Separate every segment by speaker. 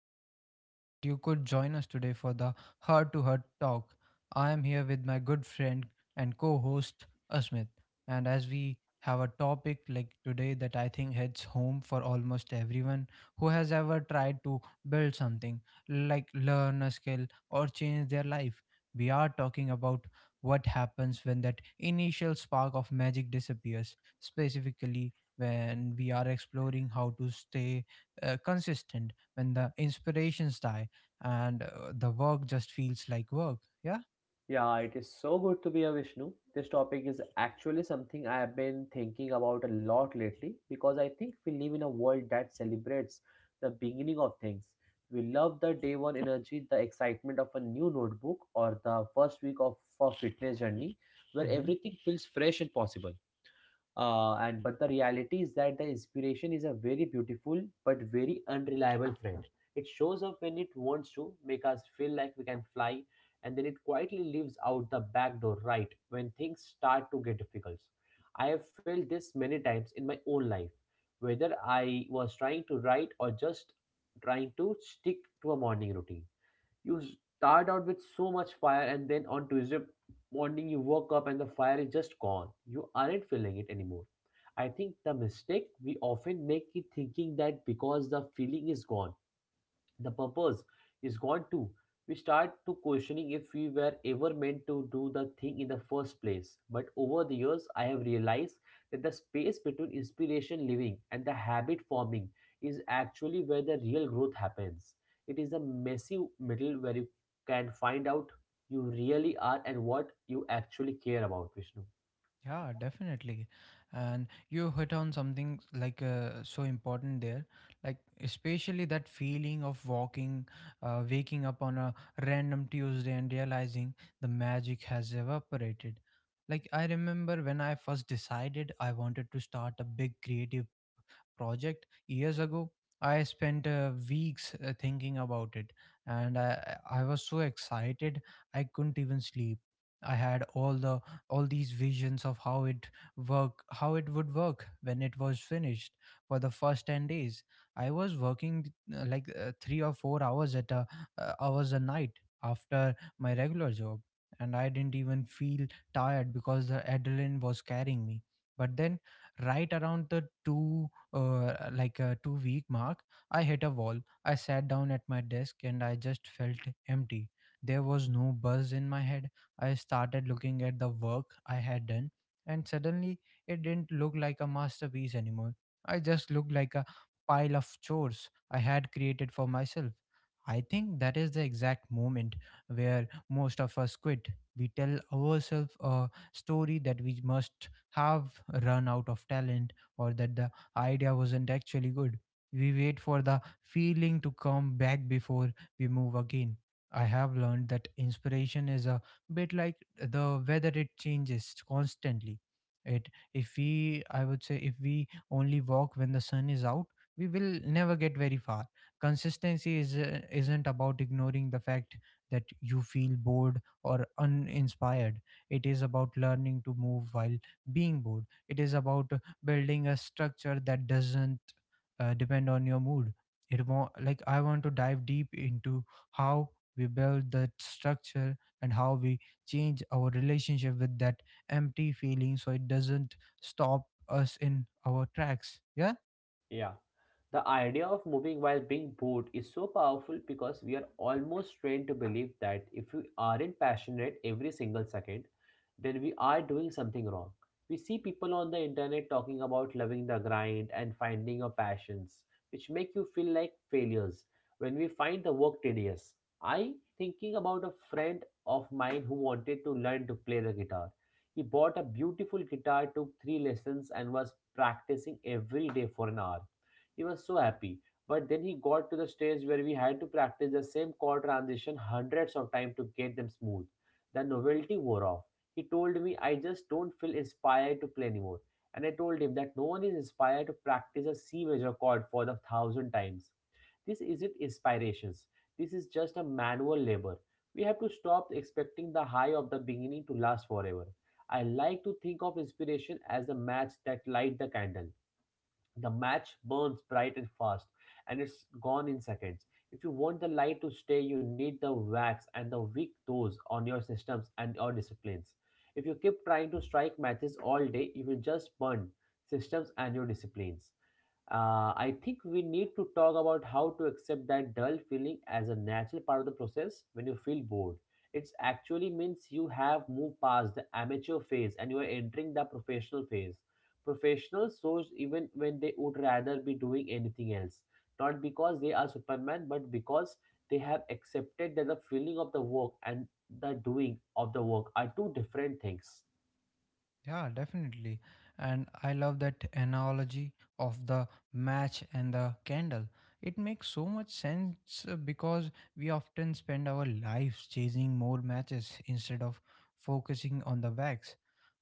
Speaker 1: and I am so glad that you could join us today for the Heart to Heart talk. I am here with my good friend and co host, Asmit. And as we have a topic like today that I think hits home for almost everyone who has ever tried to build something, like learn a skill or change their life, we are talking about what happens when that initial spark of magic disappears specifically when we are exploring how to stay consistent when the inspirations die and the work just feels like work. Yeah.
Speaker 2: Yeah, it is so good to be a Vishnu. This topic is actually something I have been thinking about a lot lately, because I think we live in a world that celebrates the beginning of things. We love the day one energy, the excitement of a new notebook, or the first week of a fitness journey where
Speaker 1: Hmm.
Speaker 2: everything feels fresh and possible. And but the reality is that the inspiration is a very beautiful but very unreliable friend. It shows up when it wants to make us feel like we can fly, and then it quietly leaves out the back door right when things start to get difficult. I have felt this many times in my own life, whether I was trying to write or just trying to stick to a morning routine. You start out with so much fire, and then on Tuesday morning, you woke up and the fire is just gone. You aren't feeling it anymore. I think the mistake we often make is thinking that because the feeling is gone, the purpose is gone too. We start to questioning if we were ever meant to do the thing in the first place. But over the years, I have realized that the space between inspiration living and the habit forming is actually where the real growth happens. It is a messy middle where you can find out you really are and what you actually care about, Vishnu.
Speaker 1: Yeah, definitely. And you hit on something like so important there, like especially that feeling of waking up on a random Tuesday and realizing the magic has evaporated. Like I remember when I first decided I wanted to start a big creative project years ago. I spent weeks thinking about it, and I was so excited I couldn't even sleep. I had all these visions of how it would work when it was finished. For the first 10 days, I was working three or four hours a night after my regular job, and I didn't even feel tired because the adrenaline was carrying me. But then, right around the two like a 2 week mark, I hit a wall. I sat down at my desk and I just felt empty. There was no buzz in my head. I started looking at the work I had done, and suddenly it didn't look like a masterpiece anymore. I just looked like a pile of chores I had created for myself. I think that is the exact moment where most of us quit. We tell ourselves a story that we must have run out of talent or that the idea wasn't actually good. We wait for the feeling to come back before we move again. I have learned that inspiration is a bit like the weather. It changes constantly. It if we I would say if we only walk when the sun is out, we will never get very far. Consistency is isn't about ignoring the fact that you feel bored or uninspired. It is about learning to move while being bored. It is about building a structure that doesn't depend on your mood. It won't like I want to dive deep into how we build that structure and how we change our relationship with that empty feeling so it doesn't stop us in our tracks. Yeah.
Speaker 2: Yeah. The idea of moving while being bored is so powerful, because we are almost trained to believe that if we aren't passionate every single second, then we are doing something wrong. We see people on the internet talking about loving the grind and finding your passions, which make you feel like failures when we find the work tedious. I thinking about a friend of mine who wanted to learn to play the guitar. He bought a beautiful guitar, took three lessons, and was practicing every day for an hour. He was so happy. But then he got to the stage where we had to practice the same chord transition hundreds of times to get them smooth. The novelty wore off. He told me, "I just don't feel inspired to play anymore." And I told him that no one is inspired to practice a C major chord for the thousand times. This isn't inspirations. This is just a manual labor. We have to stop expecting the high of the beginning to last forever. I like to think of inspiration as the match that light the candle. The match burns bright and fast, and it's gone in seconds. If you want the light to stay, you need the wax and the weak toes on your systems and your disciplines. If you keep trying to strike matches all day, you will just burn systems and your disciplines. I think we need to talk about how to accept that dull feeling as a natural part of the process. When you feel bored, it actually means you have moved past the amateur phase and you are entering the professional phase. Professionals source even when they would rather be doing anything else. Not because they are Superman, but because they have accepted that the feeling of the work and the doing of the work are two different things.
Speaker 1: Yeah, definitely. And I love that analogy of the match and the candle. It makes so much sense because we often spend our lives chasing more matches instead of focusing on the wax.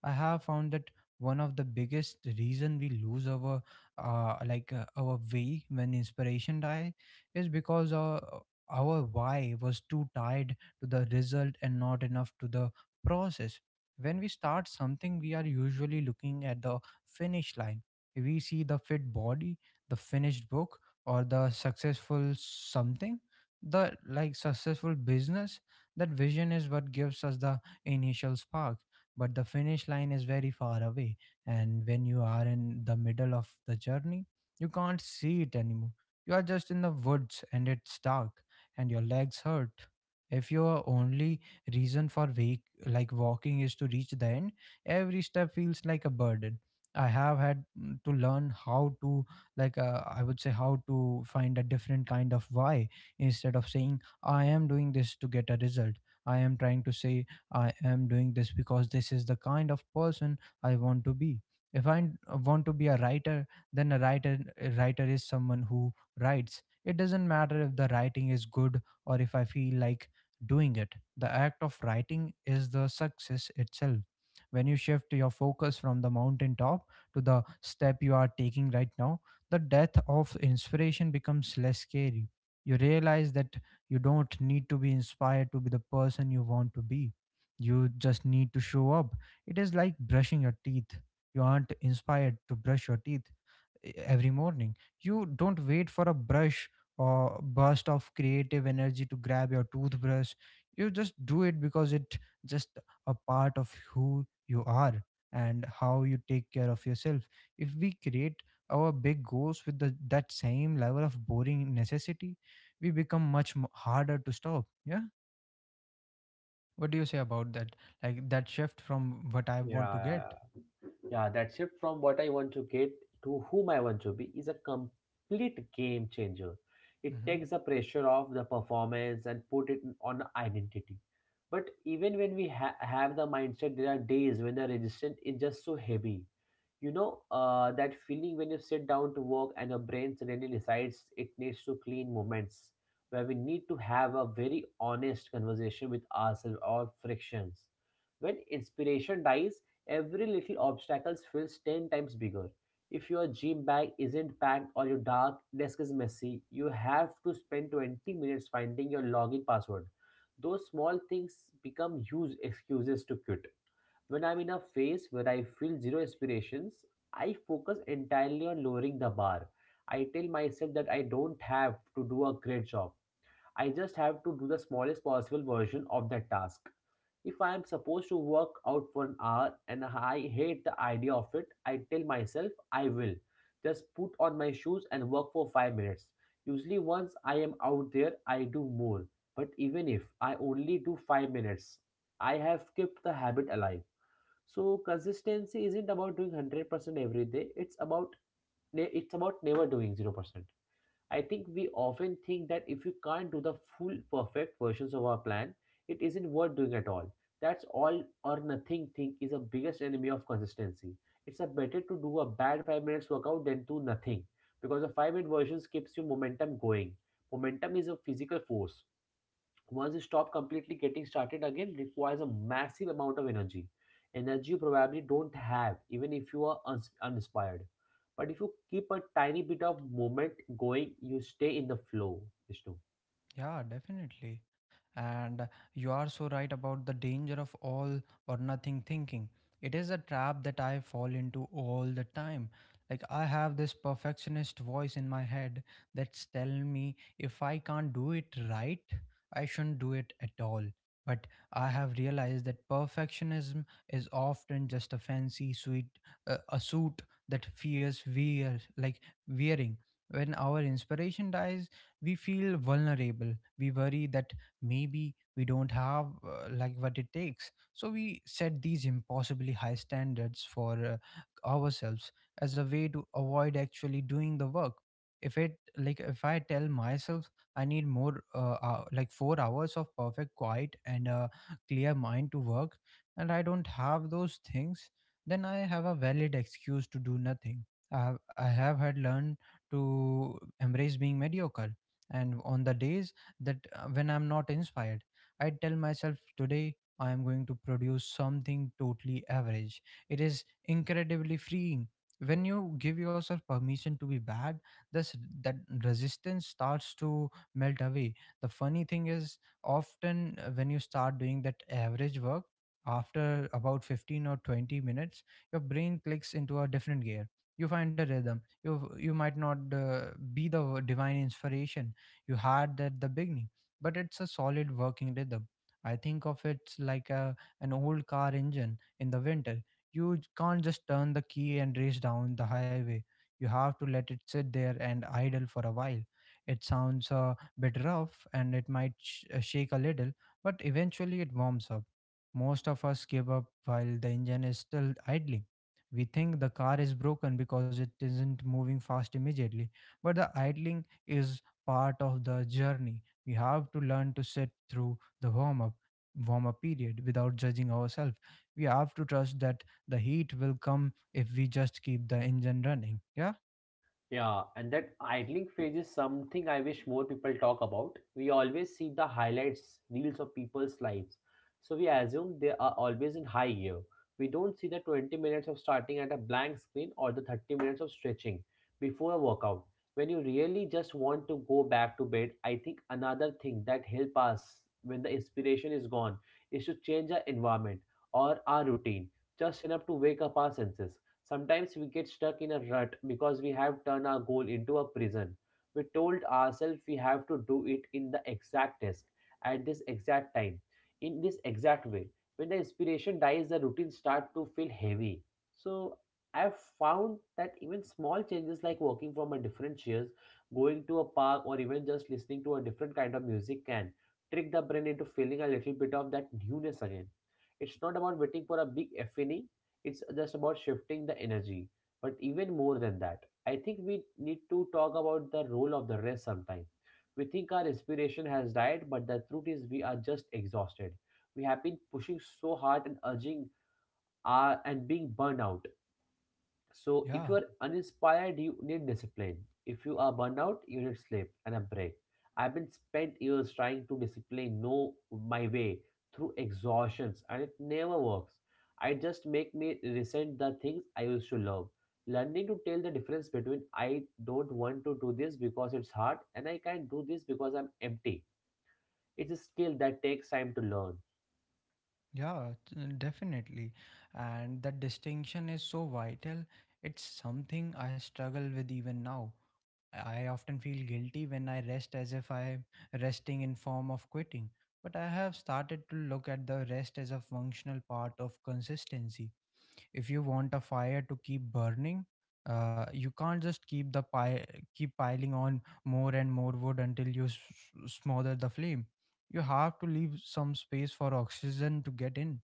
Speaker 1: I have found that one of the biggest reason we lose our our way when inspiration die is because our why was too tied to the result and not enough to the process. When we start something, we are usually looking at the finish line. We see the fit body, the finished book, or the successful something, the like successful business. That vision is what gives us the initial spark, but the finish line is very far away. And when you are in the middle of the journey, you can't see it anymore. You are just in the woods and it's dark and your legs hurt. If you are only reason for wake, like walking is to reach the end, every step feels like a burden. I have had to learn how to I would say how to find a different kind of why. Instead of saying I am doing this to get a result, I am trying to say I am doing this because this is the kind of person I want to be. If I want to be a writer, then a writer is someone who writes. It doesn't matter if the writing is good or if I feel like doing it. The act of writing is the success itself. When you shift your focus from the mountaintop to the step you are taking right now, the death of inspiration becomes less scary. You realize that you don't need to be inspired to be the person you want to be. You just need to show up. It is like brushing your teeth. You aren't inspired to brush your teeth every morning. You don't wait for a brush or burst of creative energy to grab your toothbrush. You just do it because it just a part of who you are and how you take care of yourself. If we create our big goals with that same level of boring necessity, we become much harder to stop. Yeah. What do you say about that? Like that shift from what I want to
Speaker 2: Yeah.
Speaker 1: get?
Speaker 2: Yeah, that shift from what I want to get to whom I want to be is a complete game changer. It
Speaker 1: Hmm.
Speaker 2: takes the pressure off the performance and put it on identity. But even when we have the mindset, there are days when the resistance is just so heavy. You know, that feeling when you sit down to work and your brain suddenly decides it needs to clean moments where we need to have a very honest conversation with ourselves or frictions. When inspiration dies, every little obstacle feels 10 times bigger. If your gym bag isn't packed or your dark desk is messy, you have to spend 20 minutes finding your login password. Those small things become huge excuses to quit. When I'm in a phase where I feel zero aspirations, I focus entirely on lowering the bar. I tell myself that I don't have to do a great job. I just have to do the smallest possible version of that task. If I am supposed to work out for an hour and I hate the idea of it, I tell myself I will just put on my shoes and work for 5 minutes. Usually, once I am out there, I do more. But even if I only do 5 minutes, I have kept the habit alive. So, consistency isn't about doing 100% every day. It's about, it's about never doing 0%. I think we often think that if we can't do the full perfect versions of our plan, it isn't worth doing at all. That's all or nothing thing is a biggest enemy of consistency. It's a better to do a bad 5 minutes workout than to nothing, because the 5-minute versions keeps your momentum going. Momentum is a physical force. Once you stop completely, getting started again requires a massive amount of energy, energy you probably don't have, even if you are uninspired. But if you keep a tiny bit of movement going, you stay in the flow, Vishnu.
Speaker 1: Yeah, definitely. And you are so right about the danger of all or nothing thinking. It is a trap that I fall into all the time. Like I have this perfectionist voice in my head that's telling me if I can't do it right, I shouldn't do it at all. But I have realized that perfectionism is often just a fancy suit that fears wearing. When our inspiration dies, we feel vulnerable. We worry that maybe we don't have what it takes, so we set these impossibly high standards for ourselves as a way to avoid actually doing the work. If it like If I tell myself I need more like 4 hours of perfect quiet and a clear mind to work, and I don't have those things, then I have a valid excuse to do nothing. I have had learned to embrace being mediocre, and on the days that when I'm not inspired, I tell myself today I am going to produce something totally average. It is incredibly freeing. When you give yourself permission to be bad, this that resistance starts to melt away. The funny thing is, often when you start doing that average work, after about 15 or 20 minutes, your brain clicks into a different gear. You find a rhythm. You might not be the divine inspiration you had at the beginning, but it's a solid working rhythm. I think of it like an old car engine in the winter. You can't just turn the key and race down the highway. You have to let it sit there and idle for a while. It sounds a bit rough and it might shake a little, but eventually it warms up. Most of us give up while the engine is still idling. We think the car is broken because it isn't moving fast immediately, but the idling is part of the journey. We have to learn to sit through the warm up period without judging ourselves. We have to trust that the heat will come if we just keep the engine running. Yeah,
Speaker 2: Yeah, and that idling phase is something I wish more people talk about. We always see the highlights, reels of people's lives. So we assume they are always in high gear. We don't see the 20 minutes of starting at a blank screen or the 30 minutes of stretching before a workout. When you really just want to go back to bed, I think another thing that help us when the inspiration is gone is to change our environment or our routine just enough to wake up our senses. Sometimes we get stuck in a rut because we have turned our goal into a prison. We told ourselves we have to do it in the exact task, at this exact time, in this exact way. When the inspiration dies, the routine start to feel heavy. So I've found that even small changes like walking from a different chairs, going to a park, or even just listening to a different kind of music can trick the brain into feeling a little bit of that newness again. It's not about waiting for a big epiphany. It's just about shifting the energy. But even more than that, I think we need to talk about the role of the rest sometime. We think our inspiration has died, but the truth is we are just exhausted. We have been pushing so hard and urging and being burned out. So if
Speaker 1: yeah,
Speaker 2: you are uninspired, you need discipline. If you are burned out, you need sleep and a break. I've been spent years trying to discipline no my way through exhaustions, and it never works. I just make me resent the things I used to love. Learning to tell the difference between I don't want to do this because it's hard and I can't do this because I'm empty. It's a skill that takes time to learn.
Speaker 1: yeah, definitely. And that distinction is so vital. It's something I struggle with even now. I often feel guilty when I rest as if I am resting in form of quitting. But I have started to look at the rest as a functional part of consistency. If you want a fire to keep burning, you can't just keep piling on more and more wood until you smother the flame. You have to leave some space for oxygen to get in.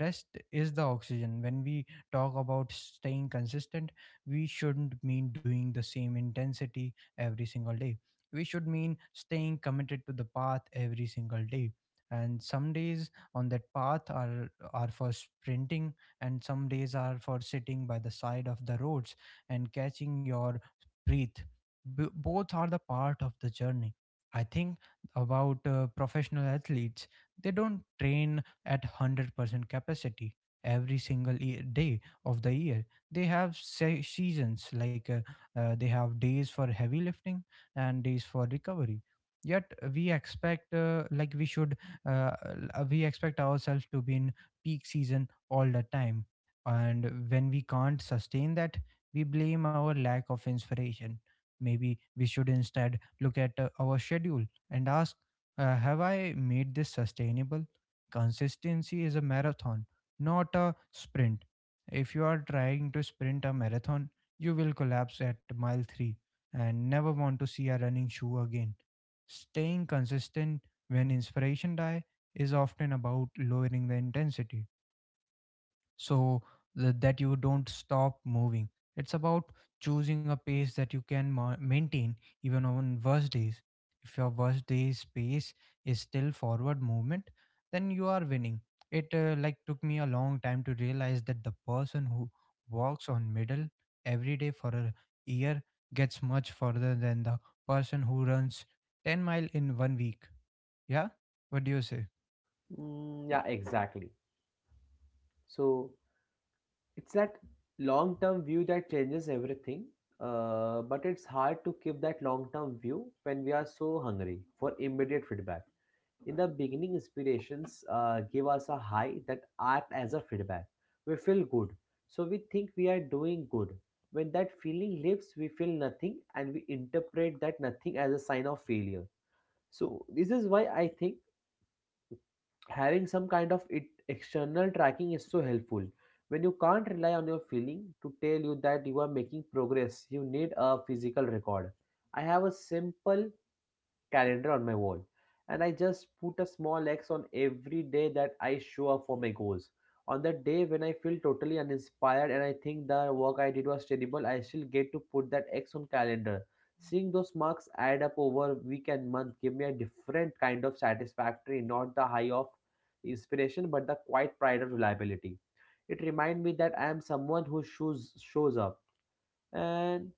Speaker 1: Rest is the oxygen. When we talk about staying consistent, we shouldn't mean doing the same intensity every single day. We should mean staying committed to the path every single day. And some days on that path are for sprinting, and some days are for sitting by the side of the roads and catching your breath. Both are the part of the journey. I think about professional athletes. They don't train at 100% capacity every single day of the year. They have seasons like they have days for heavy lifting and days for recovery. Yet we expect like we should uh, we expect ourselves to be in peak season all the time. And when we can't sustain that, we blame our lack of inspiration. Maybe we should instead look at our schedule and ask have I made this sustainable? Consistency is a marathon, not a sprint. If you are trying to sprint a marathon, you will collapse at mile 3 and never want to see a running shoe again. Staying consistent when inspiration die is often about lowering the intensity so that you don't stop moving. It's about choosing a pace that you can maintain even on worst days. If your worst day's pace is still forward movement, then you are winning. It took me a long time to realize that the person who walks on middle every day for a year gets much further than the person who runs 10 mile in one week. Yeah, what do you say?
Speaker 2: Mm, yeah, exactly. So it's that long term view that changes everything, but it's hard to keep that long term view when we are so hungry for immediate feedback. In the beginning, inspirations give us a high that act as a feedback. We feel good, so we think we are doing good. When that feeling leaves, we feel nothing and we interpret that nothing as a sign of failure. So, this is why I think having some kind of it external tracking is so helpful. When you can't rely on your feeling to tell you that you are making progress, you need a physical record. I have a simple calendar on my wall, and I just put a small X on every day that I show up for my goals. On the day when I feel totally uninspired and I think the work I did was terrible, I still get to put that X on calendar. Seeing those marks add up over week and month give me a different kind of satisfactory, not the high of inspiration, but the quiet pride of reliability. It reminds me that I am someone who shows up. And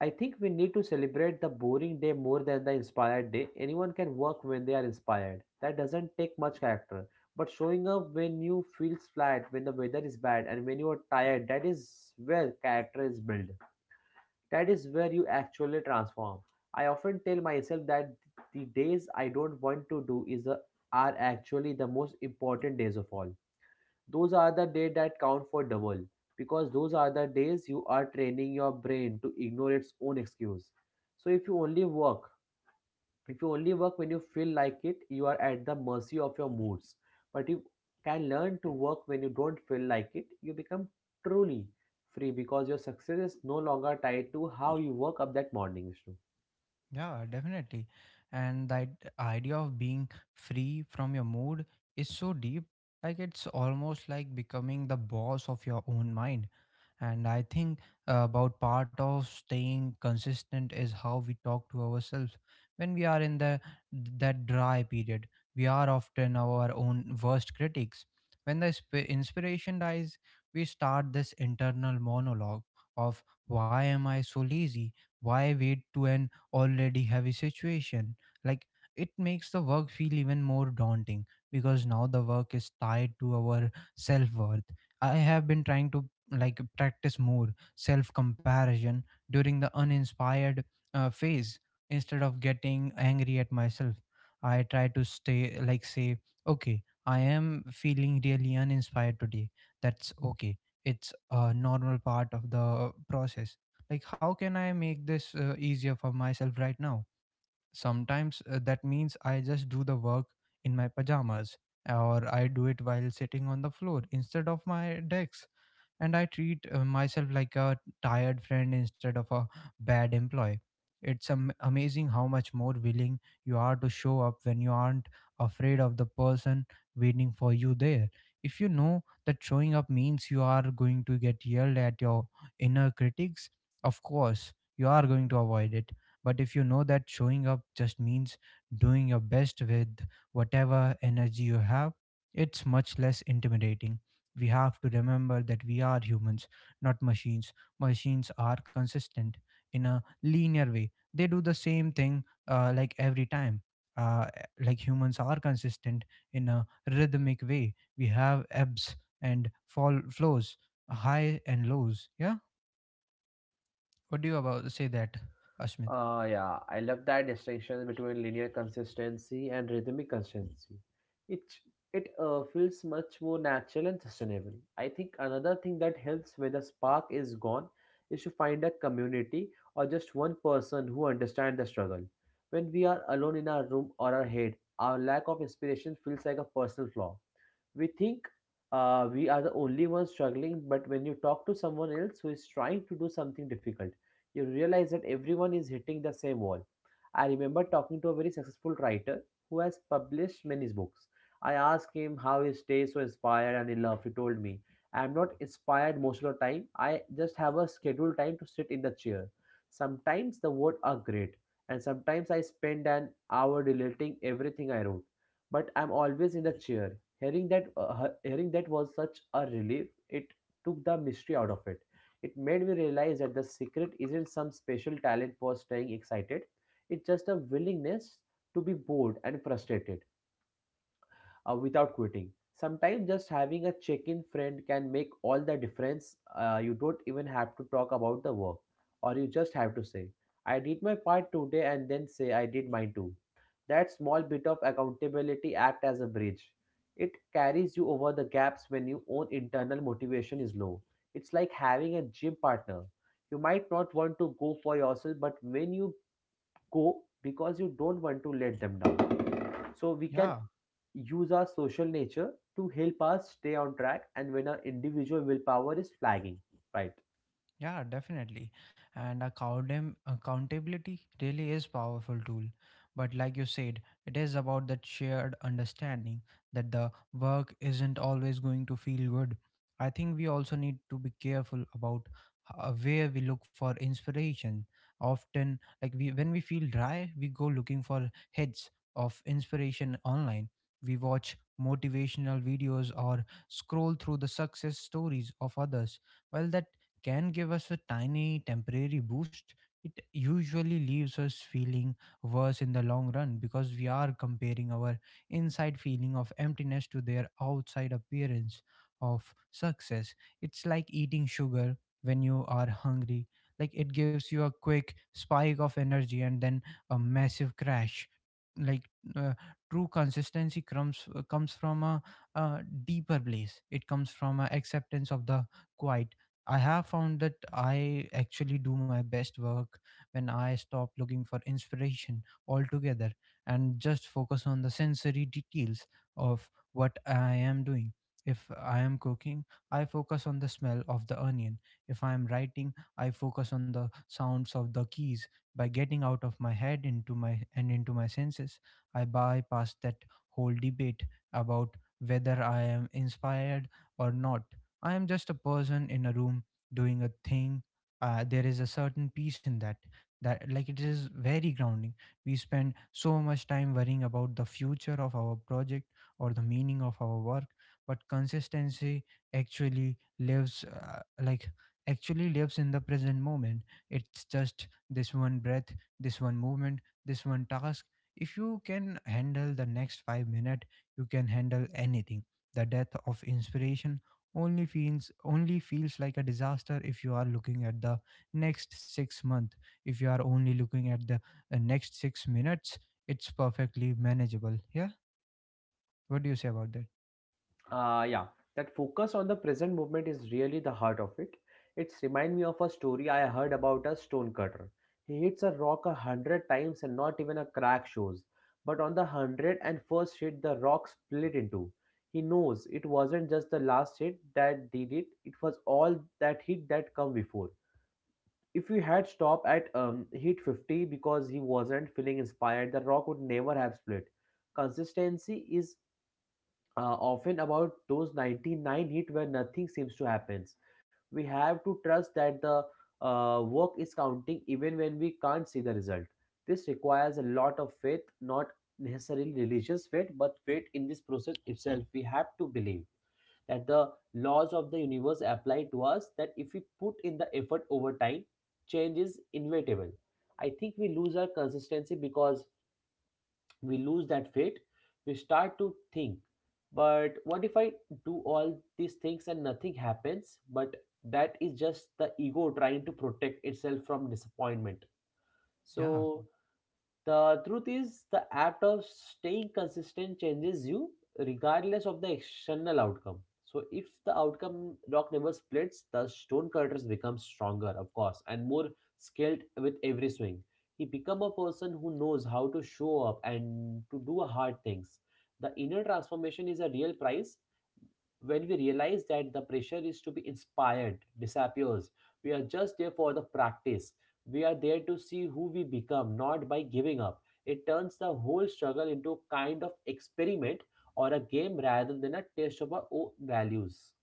Speaker 2: I think we need to celebrate the boring day more than the inspired day. Anyone can work when they are inspired. That doesn't take much character. But showing up when you feel flat, when the weather is bad, and when you are tired, that is where character is built. That is where you actually transform. I often tell myself that the days I don't want to do is are actually the most important days of all. Those are the days that count for double, because those are the days you are training your brain to ignore its own excuse. So if you only work, if you only work when you feel like it, you are at the mercy of your moods. But you can learn to work when you don't feel like it, you become truly free, because your success is no longer tied to how you woke up that morning, Vishnu.
Speaker 1: Yeah, definitely. And that idea of being free from your mood is so deep. Like it's almost like becoming the boss of your own mind, and I think about part of staying consistent is how we talk to ourselves when we are in the that dry period. We are often our own worst critics. When the inspiration dies, we start this internal monologue of why am I so lazy, why wait to an already heavy situation. Like, it makes the work feel even more daunting because now the work is tied to our self worth. I have been trying to like practice more self comparison during the uninspired phase. Instead of getting angry at myself, I try to stay like say, okay, I am feeling really uninspired today, that's okay, it's a normal part of the process. Like, how can I make this easier for myself right now? Sometimes that means I just do the work in my pajamas, or I do it while sitting on the floor instead of my desk. And I treat myself like a tired friend instead of a bad employee. It's amazing how much more willing you are to show up when you aren't afraid of the person waiting for you there. If you know that showing up means you are going to get yelled at your inner critics, of course, you are going to avoid it. But if you know that showing up just means doing your best with whatever energy you have, it's much less intimidating. We have to remember that we are humans, not machines. Machines are consistent in a linear way. They do the same thing like every time. Uh, like, humans are consistent in a rhythmic way. We have ebbs and fall flows, high and lows. Yeah. What do you about say that, Ashmit?
Speaker 2: Yeah, I love that distinction between linear consistency and rhythmic consistency. It it feels much more natural and sustainable. I think another thing that helps when the spark is gone is to find a community or just one person who understands the struggle. When we are alone in our room or our head, our lack of inspiration feels like a personal flaw. We think we are the only ones struggling, but when you talk to someone else who is trying to do something difficult, you realize that everyone is hitting the same wall. I remember talking to a very successful writer who has published many books. I asked him how he stays so inspired and in love. He told me, I'm not inspired most of the time. I just have a scheduled time to sit in the chair. Sometimes the words are great, and sometimes I spend an hour deleting everything I wrote. But I'm always in the chair. Hearing that was such a relief. It took the mystery out of it. It made me realize that the secret isn't some special talent for staying excited, it's just a willingness to be bored and frustrated without quitting. Sometimes just having a check in friend can make all the difference. You don't even have to talk about the work, or you just have to say, I did my part today, and then say, I did mine too. That small bit of accountability act as a bridge. It carries you over the gaps when your own internal motivation is low. It's like having a gym partner. You might not want to go for yourself, but when you go because you don't want to let them down, so we can
Speaker 1: Yeah.
Speaker 2: use our social nature to help us stay on track and when our individual willpower is flagging, right?
Speaker 1: Yeah, definitely. And accountability really is powerful tool. But like you said, it is about that shared understanding that the work isn't always going to feel good. I think we also need to be careful about where we look for inspiration. Often, like we when we feel dry, we go looking for hits of inspiration online. We watch motivational videos or scroll through the success stories of others. Well, that can give us a tiny temporary boost, it usually leaves us feeling worse in the long run because we are comparing our inside feeling of emptiness to their outside appearance of success. It's like eating sugar when you are hungry. Like, it gives you a quick spike of energy and then a massive crash. Like uh, True consistency comes from a deeper place. It comes from a acceptance of the quiet. I have found that I actually do my best work when I stop looking for inspiration altogether and just focus on the sensory details of what I am doing. If I am cooking, I focus on the smell of the onion. If I am writing, I focus on the sounds of the keys. By getting out of my head into my senses, I bypass that whole debate about whether I am inspired or not. I am just a person in a room doing a thing. There is a certain peace in that. That, like, it is very grounding. We spend so much time worrying about the future of our project or the meaning of our work, but consistency actually lives uh, like actually lives in the present moment. It's just this one breath, this one movement, this one task. If you can handle the next 5 minutes, you can handle anything. The death of inspiration only feels like a disaster if you are looking at the next 6 month. If you are only looking at the next 6 minutes, it's perfectly manageable. Yeah, what do you say about that?
Speaker 2: Yeah, that focus on the present moment is really the heart of it. It's remind me of a story I heard about a stonecutter. He hits a rock a hundred times and not even a crack shows, but on the hundred and first hit the rock split into. He knows it wasn't just the last hit that did it, it was all that hit that come before. If we had stopped at Heat 50 because he wasn't feeling inspired, The Rock would never have split. Consistency is often about those 99 Heat where nothing seems to happen. We have to trust that the work is counting even when we can't see the result. This requires a lot of faith, not necessarily religious faith, but faith in this process itself. We have to believe that the laws of the universe apply to us, that if we put in the effort over time, change is inevitable. I think we lose our consistency because we lose that faith. We start to think, but what if I do all these things and nothing happens? But that is just the ego trying to protect itself from disappointment.
Speaker 1: Yeah.
Speaker 2: So the truth is, the act of staying consistent changes you regardless of the external outcome. So, if the outcome rock never splits, the stonecutters become stronger, of course, and more skilled with every swing. He become a person who knows how to show up and to do hard things. The inner transformation is a real prize. When we realize that the pressure is to be inspired disappears, we are just there for the practice. We are there to see who we become, not by giving up. It turns the whole struggle into a kind of experiment or a game rather than a test of our own values.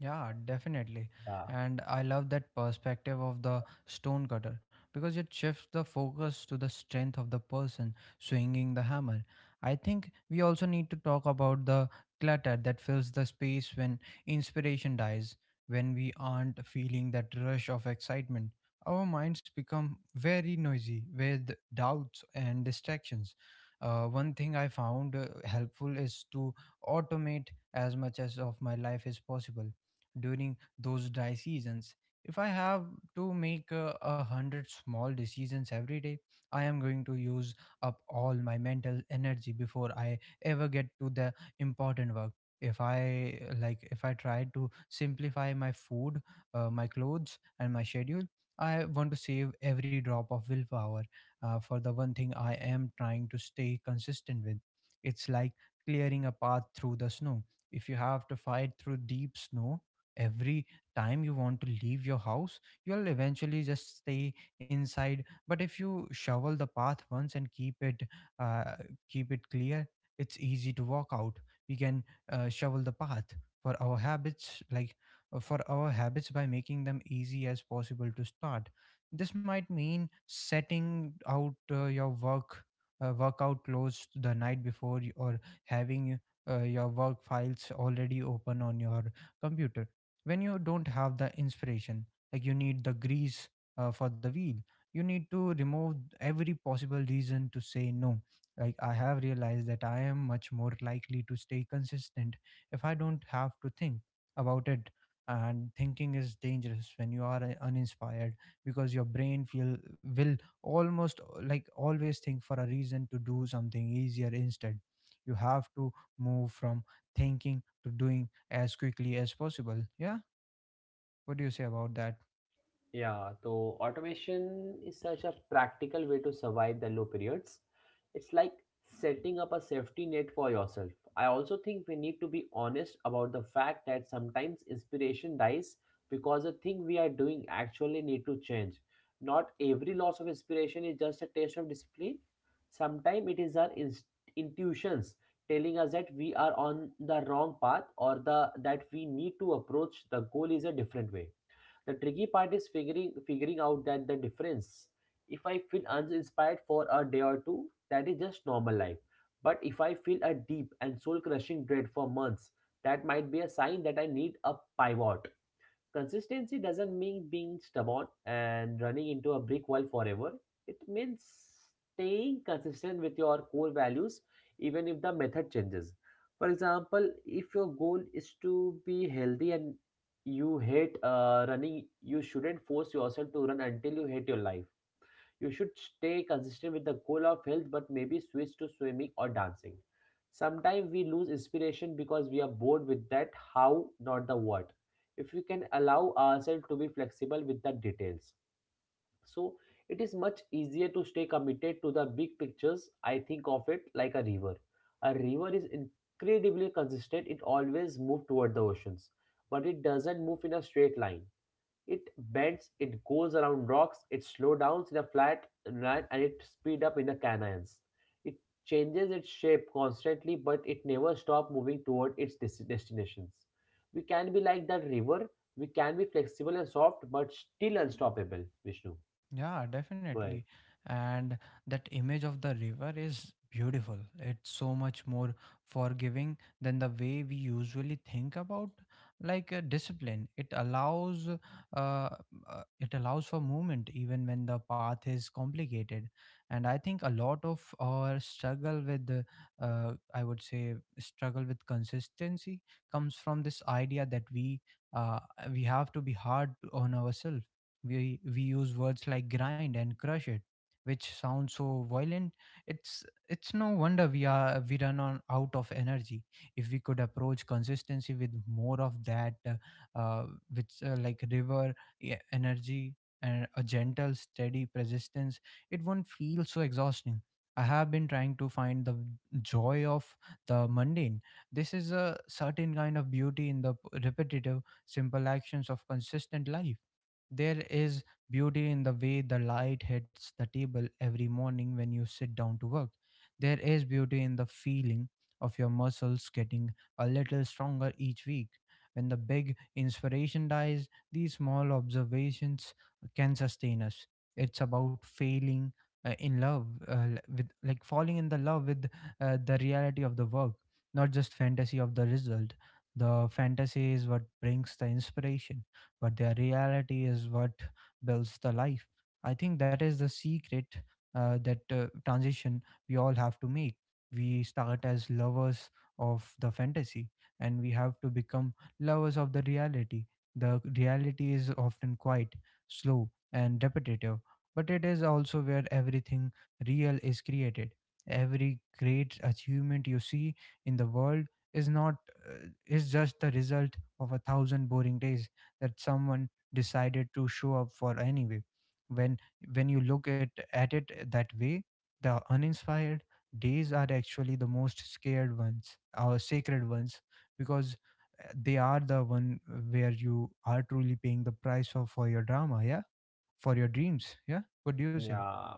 Speaker 1: Yeah, definitely.
Speaker 2: Yeah
Speaker 1: And I love that perspective of the stonecutter because it shifts the focus to the strength of the person swinging the hammer. I think we also need to talk about the clutter that fills the space when inspiration dies, when we aren't feeling that rush of excitement. Our minds become very noisy with doubts and distractions. One thing I found helpful is to automate as much as of my life is possible during those dry seasons. If I have to make a hundred small decisions every day, I am going to use up all my mental energy before I ever get to the important work. If I try to simplify my food, my clothes, and my schedule, I want to save every drop of willpower for the one thing I am trying to stay consistent with. It's like clearing a path through the snow. If you have to fight through deep snow, every time you want to leave your house, you'll eventually just stay inside. But if you shovel the path once and uh, keep it clear, it's easy to walk out. We can shovel the path for our habits like for our habits by making them easy as possible to start. This might mean setting out your workout clothes the night before, or having your work files already open on your computer when you don't have the inspiration. Like, you need the grease for the wheel. You need to remove every possible reason to say no. Like, I have realized that I am much more likely to stay consistent if I don't have to think about it. And thinking is dangerous when you are uninspired because your brain feel will almost always think for a reason to do something easier instead. You have to move from thinking to doing as quickly as possible. Yeah, what do you say about that?
Speaker 2: Yeah, so automation is such a practical way to survive the low periods. It's like setting up a safety net for yourself. I also think we need to be honest about the fact that sometimes inspiration dies because the thing we are doing actually need to change. Not every loss of inspiration is just a taste of discipline. Sometimes it is our intuitions telling us that we are on the wrong path or the that we need to approach the goal is a different way. The tricky part is figuring out that the difference. If I feel uninspired for a day or two, that is just normal life. But if I feel a deep and soul crushing dread for months, that might be a sign that I need a pivot. Consistency doesn't mean being stubborn and running into a brick wall forever. It means staying consistent with your core values even if the method changes. For example, if your goal is to be healthy and you hate running, you shouldn't force yourself to run until you hate your life. You should stay consistent with the goal of health, but maybe switch to swimming or dancing. Sometimes we lose inspiration because we are bored with that how, not the what. If we can allow ourselves to be flexible with the details. So it is much easier to stay committed to the big pictures. I think of it like a river. A river is incredibly consistent, it always moves toward the oceans, but it doesn't move in a straight line. It bends, it goes around rocks, it slows down in a flat line, and it speeds up in the canyons. It changes its shape constantly, but it never stops moving toward its destinations. We can be like that river, we can be flexible and soft, but still unstoppable, Vishnu.
Speaker 1: Yeah,
Speaker 2: Go ahead.
Speaker 1: definitely. And that image of the river is beautiful. It's so much more forgiving than the way we usually think about discipline. Uh, it allows for movement even when the path is complicated. And I think a lot of our struggle with I would say struggle with consistency comes from this idea that uh, we have to be hard on ourselves. We use words like grind and crush it, which sound so violent. It's no wonder we run on out of energy. If we could approach consistency with more of that uh, which like river energy and a gentle steady persistence, it won't feel so exhausting. I have been trying to find the joy of the mundane. This is a certain kind of beauty in the repetitive simple actions of consistent life. There is beauty in the way the light hits the table every morning when you sit down to work. There is beauty in the feeling of your muscles getting a little stronger each week. When the big inspiration dies, these small observations can sustain us. It's about failing in love, l- with like falling in the love with the reality of the work, not just fantasy of the result. The fantasy is what brings the inspiration, but their reality is what builds the life. I think that is the secret, that transition we all have to make. We start as lovers of the fantasy, and we have to become lovers of the reality. The reality is often quite slow and repetitive, but it is also where everything real is created. Every great achievement you see in the world is not is just the result of a thousand boring days that someone decided to show up for anyway. When when you look at it that way, the uninspired days are actually the most scared ones our sacred ones because they are the one where you are truly paying the price of for your drama yeah for your dreams. Yeah, what do you say?
Speaker 2: Yeah,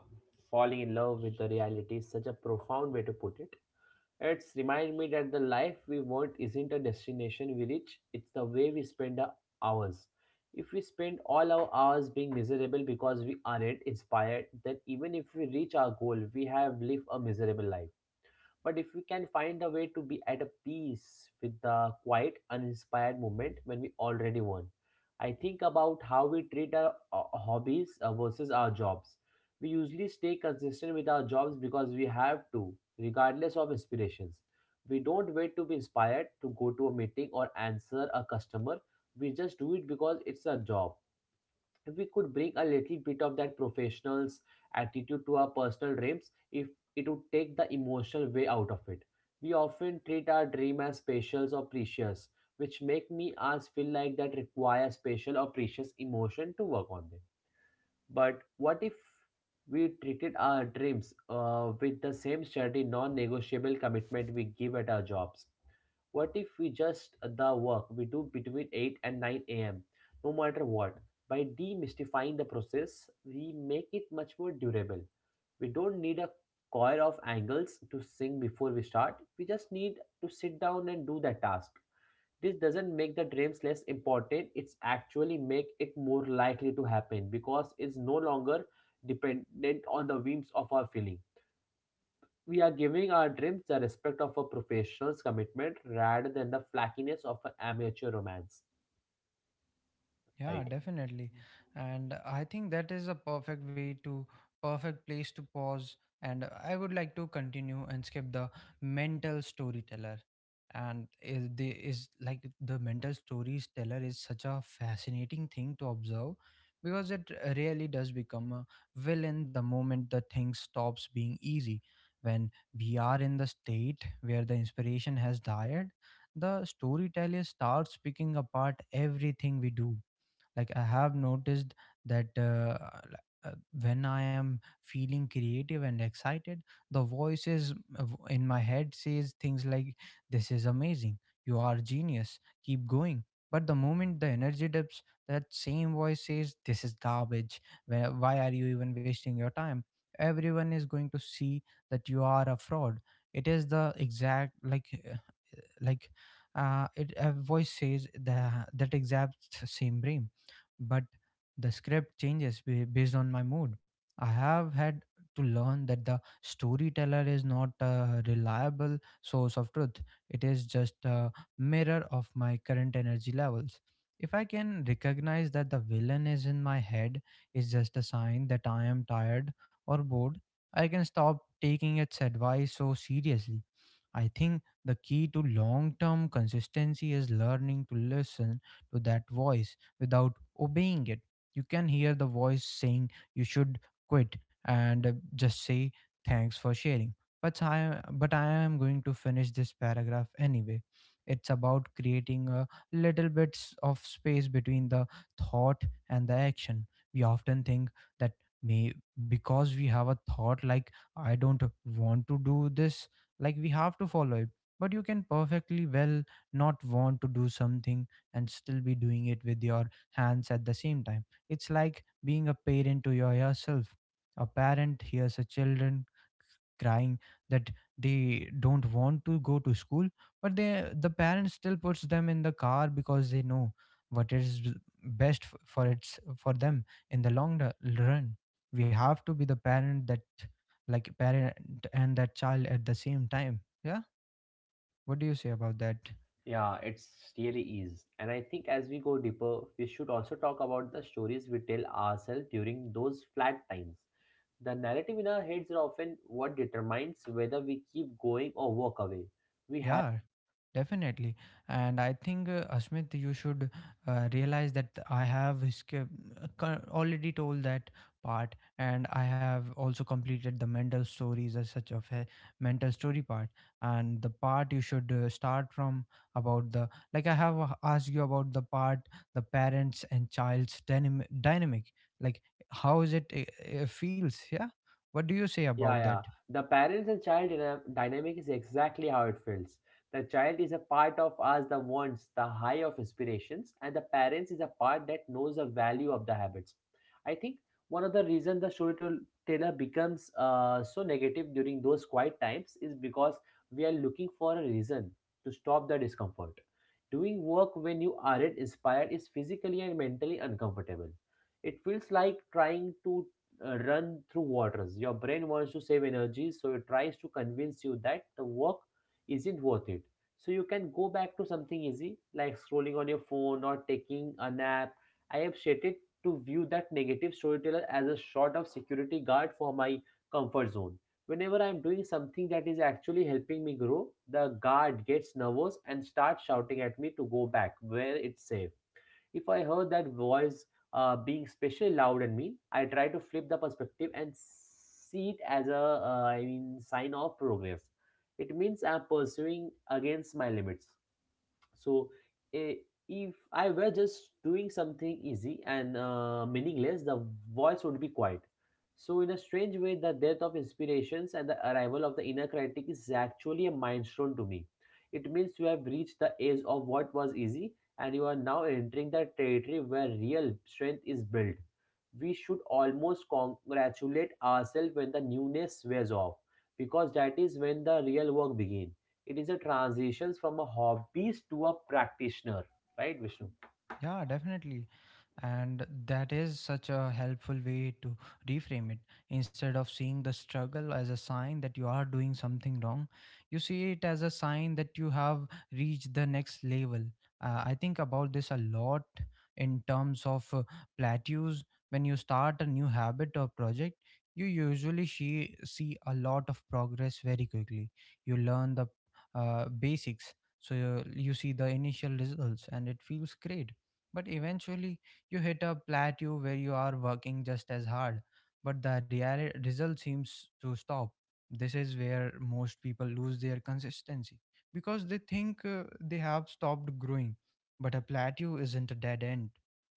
Speaker 2: falling in love with the reality is such a profound way to put it. It's remind me that the life we want isn't a destination we reach, it's the way we spend our hours. If we spend all our hours being miserable because we aren't inspired, then even if we reach our goal, we have lived a miserable life. But if we can find a way to be at a peace with the quiet, uninspired moment when we already won, I think about how we treat our hobbies versus our jobs. We usually stay consistent with our jobs because we have to, regardless of inspirations. We don't wait to be inspired to go to a meeting or answer a customer. We just do it because it's a job. If we could bring a little bit of that professional's attitude to our personal dreams, if it would take the emotional way out of it. We often treat our dream as special or precious, which make me us feel like that requires special or precious emotion to work on them. But what if we treated our dreams with the same steady, non-negotiable commitment we give at our jobs? What if we just the work we do between 8 and 9 a.m., no matter what? By demystifying the process, we make it much more durable. We don't need a choir of angles to sing before we start. We just need to sit down and do that task. This doesn't make the dreams less important. It's actually make it more likely to happen because it's no longer dependent on the whims of our feeling. We are giving our dreams the respect of a professional's commitment rather than the flakiness of an amateur romance,
Speaker 1: Yeah,
Speaker 2: right?
Speaker 1: definitely. And I think that is a perfect way to, perfect place to pause. And I would like to continue and skip the mental storyteller. And is the is like the mental stories teller is such a fascinating thing to observe because it really does become a villain the moment the thing stops being easy. When we are in the state where the inspiration has died, the storyteller starts picking apart everything we do. Like, I have noticed that, l- uh, when I am feeling creative and excited, the voices in my head says things like, this is amazing, you are genius, keep going. But the moment the energy dips, that same voice says, this is garbage. Why are you even wasting your time? Everyone is going to see that you are a fraud. It is the exact, like, it a voice says the that exact same brain, but the script changes based on my mood. I have had to learn that the storyteller is not a reliable source of truth. It is just a mirror of my current energy levels. If I can recognize that the villain is in my head is just a sign that I am tired or bored, I can stop taking its advice so seriously. I think the key to long term consistency is learning to listen to that voice without obeying it. You can hear the voice saying you should quit, and just say thanks for sharing. But I am going to finish this paragraph anyway. It's about creating a little bits of space between the thought and the action. We often think that, may because we have a thought like, I don't want to do this, like we have to follow it. But you can perfectly well not want to do something and still be doing it with your hands at the same time. It's like being a parent to yourself. A parent hears a children crying that they don't want to go to school, but the parent still puts them in the car because they know what is best for them in the long run. We have to be the parent that, like, parent and that child at the same time. Yeah, what do you say about that?
Speaker 2: Yeah, it's really is. And I think as we go deeper, we should also talk about the stories we tell ourselves during those flat times. The narrative in our heads are often what determines whether we keep going or walk away. We have
Speaker 1: Yeah, definitely. And I think, Asmit, you should realize that I have already told that part, and I have also completed the mental stories as such of a mental story part. And the part you should start from, about the, like, I have asked you about the part, the parents and child's dynamic, like, how is it feels? Yeah, what do you say
Speaker 2: Yeah,
Speaker 1: about that?
Speaker 2: yeah. The parents and child dynamic is exactly how it feels. The child is a part of us that wants the high of inspirations, and the parents is a part that knows the value of the habits. I think one of the reasons the storyteller becomes so negative during those quiet times is because we are looking for a reason to stop the discomfort. Doing work when you aren't inspired is physically and mentally uncomfortable. It feels like trying to run through waters. Your brain wants to save energy, so it tries to convince you that the work isn't worth it. So you can go back to something easy like scrolling on your phone or taking a nap. I have stated to view that negative storyteller as a sort of security guard for my comfort zone. Whenever I'm doing something that is actually helping me grow, the guard gets nervous and starts shouting at me to go back where it's safe. If I heard that voice being especially loud and mean, I try to flip the perspective and see it as a sign of progress. It means I'm pursuing against my limits. So, eh, if I were just doing something easy and meaningless, the voice would be quiet. So, in a strange way, the death of inspirations and the arrival of the inner critic is actually a milestone to me. It means you have reached the edge of what was easy and you are now entering the territory where real strength is built. We should almost congratulate ourselves when the newness wears off because that is when the real work begins. It is a transition from a hobbyist to a practitioner, right, Vishnu?
Speaker 1: Yeah, definitely. And that is such a helpful way to reframe it. Instead of seeing the struggle as a sign that you are doing something wrong, you see it as a sign that you have reached the next level. I think about this a lot in terms of plateaus. When you start a new habit or project, you usually see a lot of progress very quickly. You learn the basics. So you see the initial results and it feels great. But eventually, you hit a plateau where you are working just as hard, but the real result seems to stop. This is where most people lose their consistency because they think they have stopped growing. But a plateau isn't a dead end,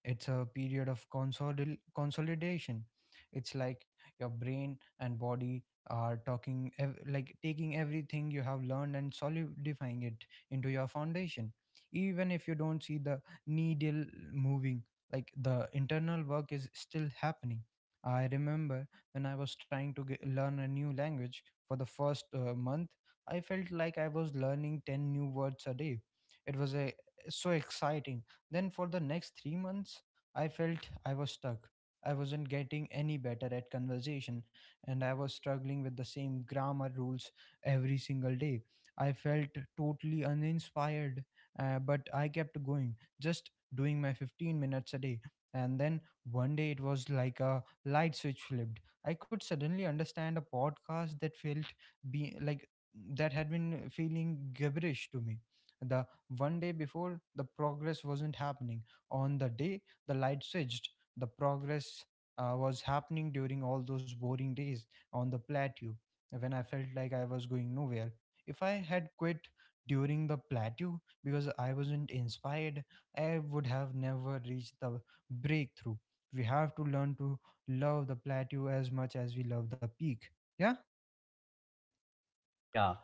Speaker 1: it's a period of consolidation. It's like your brain and body are like taking everything you have learned and solidifying it into your foundation, even if you don't see the needle moving, like, the internal work is still happening. I remember when I was trying to learn a new language. For the first month I felt like I was learning 10 new words a day. It was so exciting. Then for the next 3 months I felt I was stuck. I wasn't getting any better at conversation, and I was struggling with the same grammar rules every single day. I felt totally uninspired. But I kept going, just doing my 15 minutes a day. And then one day it was like a light switch flipped. I could suddenly understand a podcast that felt be like that had been feeling gibberish to me. The one day before, the progress wasn't happening. On the day the light switched, the progress was happening during all those boring days on the plateau when I felt like I was going nowhere. If I had quit during the plateau because I wasn't inspired, I would have never reached the breakthrough. We have to learn to love the plateau as much as we love the peak. Yeah.
Speaker 2: Yeah,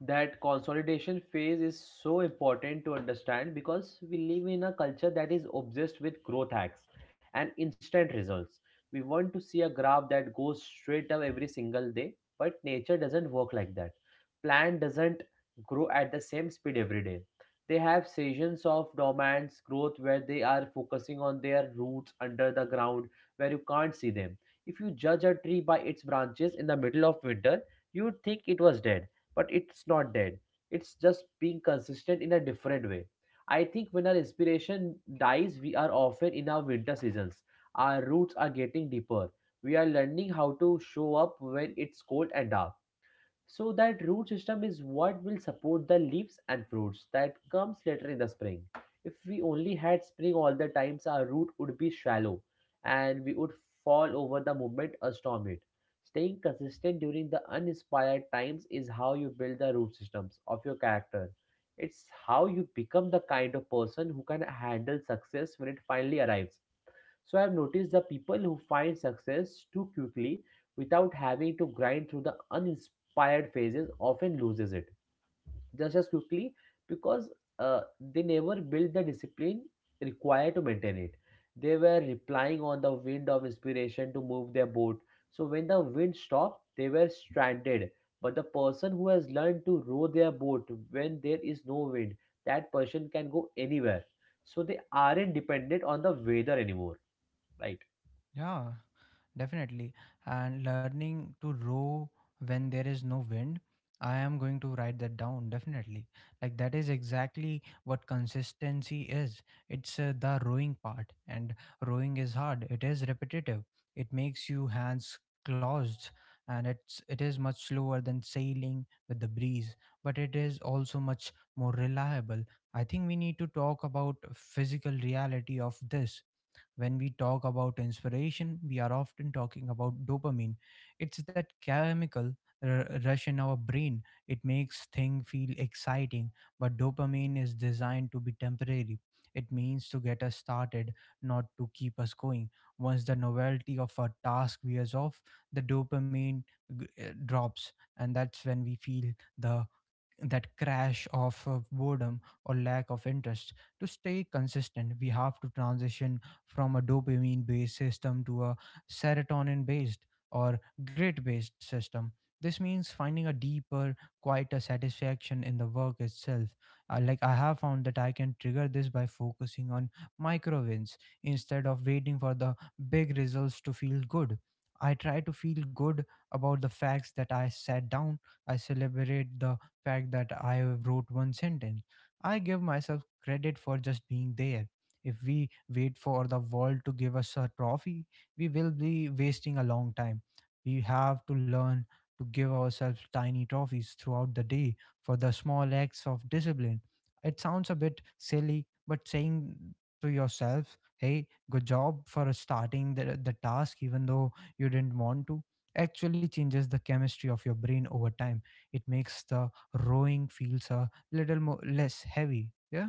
Speaker 2: that consolidation phase is so important to understand because we live in a culture that is obsessed with growth hacks and instant results. We want to see a graph that goes straight up every single day, but nature doesn't work like that. Plant doesn't grow at the same speed every day. They have seasons of dormant growth where they are focusing on their roots under the ground where you can't see them. If you judge a tree by its branches in the middle of winter, you'd think it was dead, but it's not dead. It's just being consistent in a different way. I think when our inspiration dies, we are often in our winter seasons. Our roots are getting deeper. We are learning how to show up when it's cold and dark, so that root system is what will support the leaves and fruits that comes later in the spring. If we only had spring all the times, our root would be shallow and we would fall over the moment a storm hit. Staying consistent during the uninspired times is how you build the root systems of your character. It's how you become the kind of person who can handle success when it finally arrives. So I've noticed the people who find success too quickly without having to grind through the uninspired phases often loses it just as quickly, because uh, they never build the discipline required to maintain it. They were relying on the wind of inspiration to move their boat. So when the wind stopped, they were stranded. But the person who has learned to row their boat when there is no wind, that person can go anywhere. So they aren't dependent on the weather anymore, right?
Speaker 1: Yeah, definitely. And learning to row when there is no wind, I am going to write that down definitely. Like that is exactly what consistency is. It's the rowing part, and rowing is hard. It is repetitive. It makes you hands closed, and it is much slower than sailing with the breeze, but it is also much more reliable. I think we need to talk about physical reality of this. When we talk about inspiration, we are often talking about dopamine. It's that chemical rush in our brain. It makes things feel exciting, but dopamine is designed to be temporary. It means to get us started, not to keep us going. Once the novelty of a task wears off, the dopamine drops, and that's when we feel the that crash of boredom or lack of interest. To stay consistent, we have to transition from a dopamine based system to a serotonin based or grit based system. This means finding a deeper, quieter satisfaction in the work itself. Like, I have found that I can trigger this by focusing on micro wins instead of waiting for the big results to feel good. I try to feel good about the facts that I sat down. I celebrate the fact that I wrote one sentence. I give myself credit for just being there. If we wait for the world to give us a trophy, we will be wasting a long time. We have to learn to give ourselves tiny trophies throughout the day for the small acts of discipline. It sounds a bit silly, but saying to yourself, hey, good job for starting the task, even though you didn't want to, actually changes the chemistry of your brain over time. It makes the rowing feels a little more less heavy. Yeah.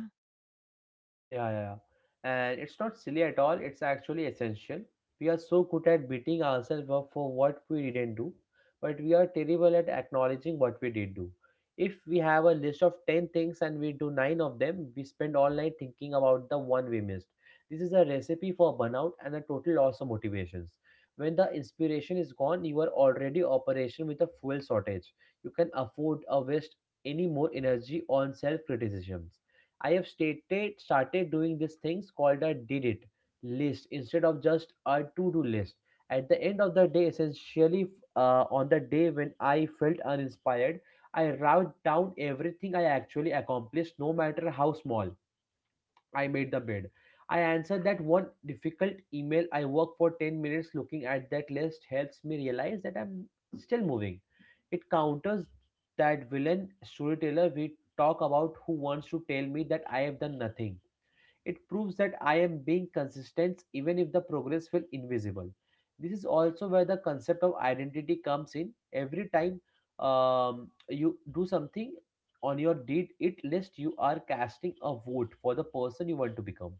Speaker 2: Yeah, yeah, yeah. And it's not silly at all, it's actually essential. We are so good at beating ourselves up for what we didn't do, but we are terrible at acknowledging what we did do. If we have a list of 10 things and we do 9 of them, we spend all night thinking about the one we missed. This is a recipe for burnout and a total loss of motivations. When the inspiration is gone, you are already operation with a fuel shortage. You can afford a waste any more energy on self criticisms. I have stated started doing these things called a did it list instead of just a to do list. At the end of the day, essentially, on the day when I felt uninspired, I wrote down everything I actually accomplished, no matter how small. I made the bed. I answered that one difficult email. I work for 10 minutes. Looking at that list helps me realize that I'm still moving. It counters that villain storyteller we talk about who wants to tell me that I have done nothing. It proves that I am being consistent even if the progress felt invisible. This is also where the concept of identity comes in. Every time you do something on your deed it list, you are casting a vote for the person you want to become.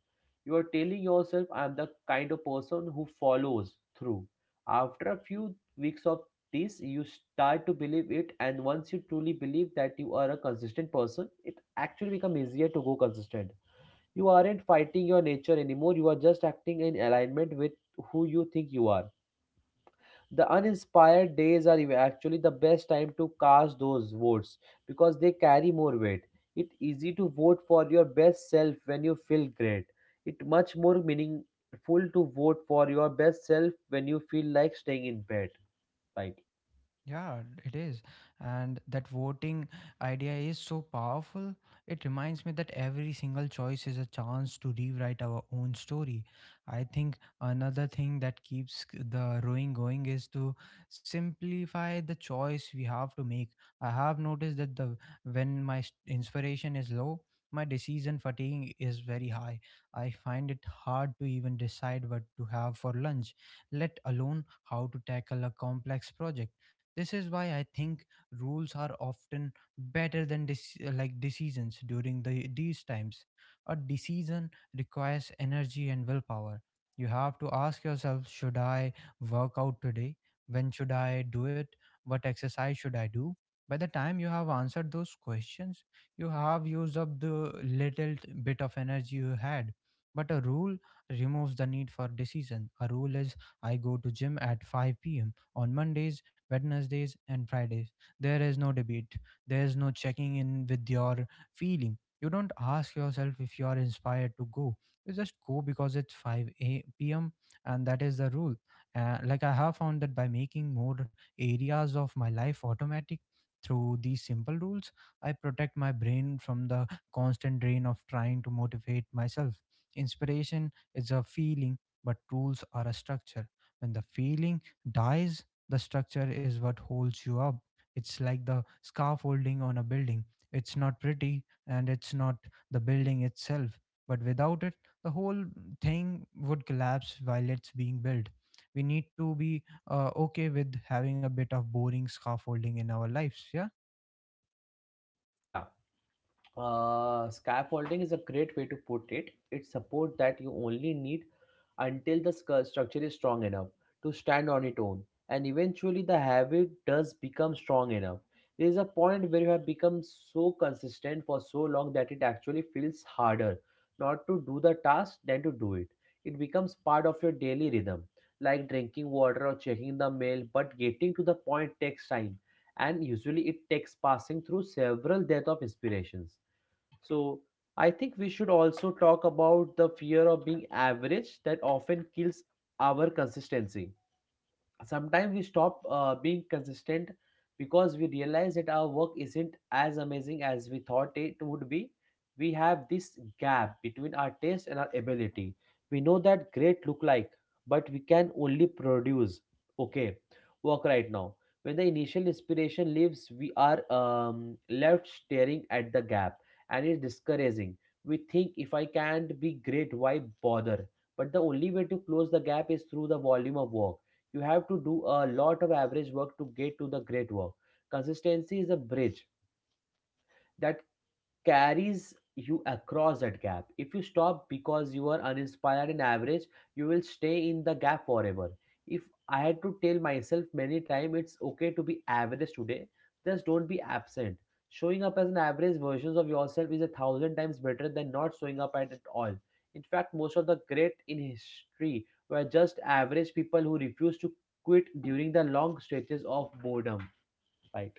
Speaker 2: You are telling yourself, I am the kind of person who follows through. After a few weeks of this, you start to believe it, and once you truly believe that you are a consistent person, it actually becomes easier to go consistent. You aren't fighting your nature anymore, you are just acting in alignment with who you think you are. The uninspired days are actually the best time to cast those votes because they carry more weight. It's easy to vote for your best self when you feel great. It's much more meaningful to vote for your best self when you feel like staying in bed. Right.
Speaker 1: Yeah, it is. And that voting idea is so powerful. It reminds me that every single choice is a chance to rewrite our own story. I think another thing that keeps the rowing going is to simplify the choice we have to make. I have noticed that the when my inspiration is low, my decision fatigue is very high. I find it hard to even decide what to have for lunch, let alone how to tackle a complex project. This is why I think rules are often better than like decisions during these times. A decision requires energy and willpower. You have to ask yourself, should I work out today? When should I do it? What exercise should I do? By the time you have answered those questions, you have used up the little bit of energy you had. But a rule removes the need for decision. A rule is, I go to gym at 5 p.m on Mondays, Wednesdays, and Fridays. There is no debate, there is no checking in with your feeling. You don't ask yourself if you are inspired to go. You just go because it's 5 p.m. and that is the rule. Like, I have found that by making more areas of my life automatic through these simple rules, I protect my brain from the constant drain of trying to motivate myself. Inspiration is a feeling, but rules are a structure. When the feeling dies, the structure is what holds you up. It's like the scaffolding on a building. It's not pretty and it's not the building itself, but without it, the whole thing would collapse while it's being built. We need to be okay with having a bit of boring scaffolding in our lives. Yeah.
Speaker 2: Yeah. Scaffolding is a great way to put it. It supports that you only need until the structure is strong enough to stand on its own. And eventually, the habit does become strong enough. There is a point where you have become so consistent for so long that it actually feels harder not to do the task than to do it. It becomes part of your daily rhythm, like drinking water or checking the mail, but getting to the point takes time. And usually, it takes passing through several deaths of inspirations. So I think we should also talk about the fear of being average that often kills our consistency. Sometimes we stop being consistent because we realize that our work isn't as amazing as we thought it would be. We have this gap between our taste and our ability. We know that great look like, but we can only produce okay work right now. When the initial inspiration leaves, we are left staring at the gap, and it's discouraging. We think, if I can't be great, why bother? But the only way to close the gap is through the volume of work. You have to do a lot of average work to get to the great work. Consistency is a bridge that carries you across that gap. If you stop because you are uninspired and average, you will stay in the gap forever. If I had to tell myself many times, it's okay to be average today, just don't be absent. Showing up as an average version of yourself is a thousand times better than not showing up at all. In fact, most of the great in history were just average people who refused to quit during the long stretches of boredom. Right.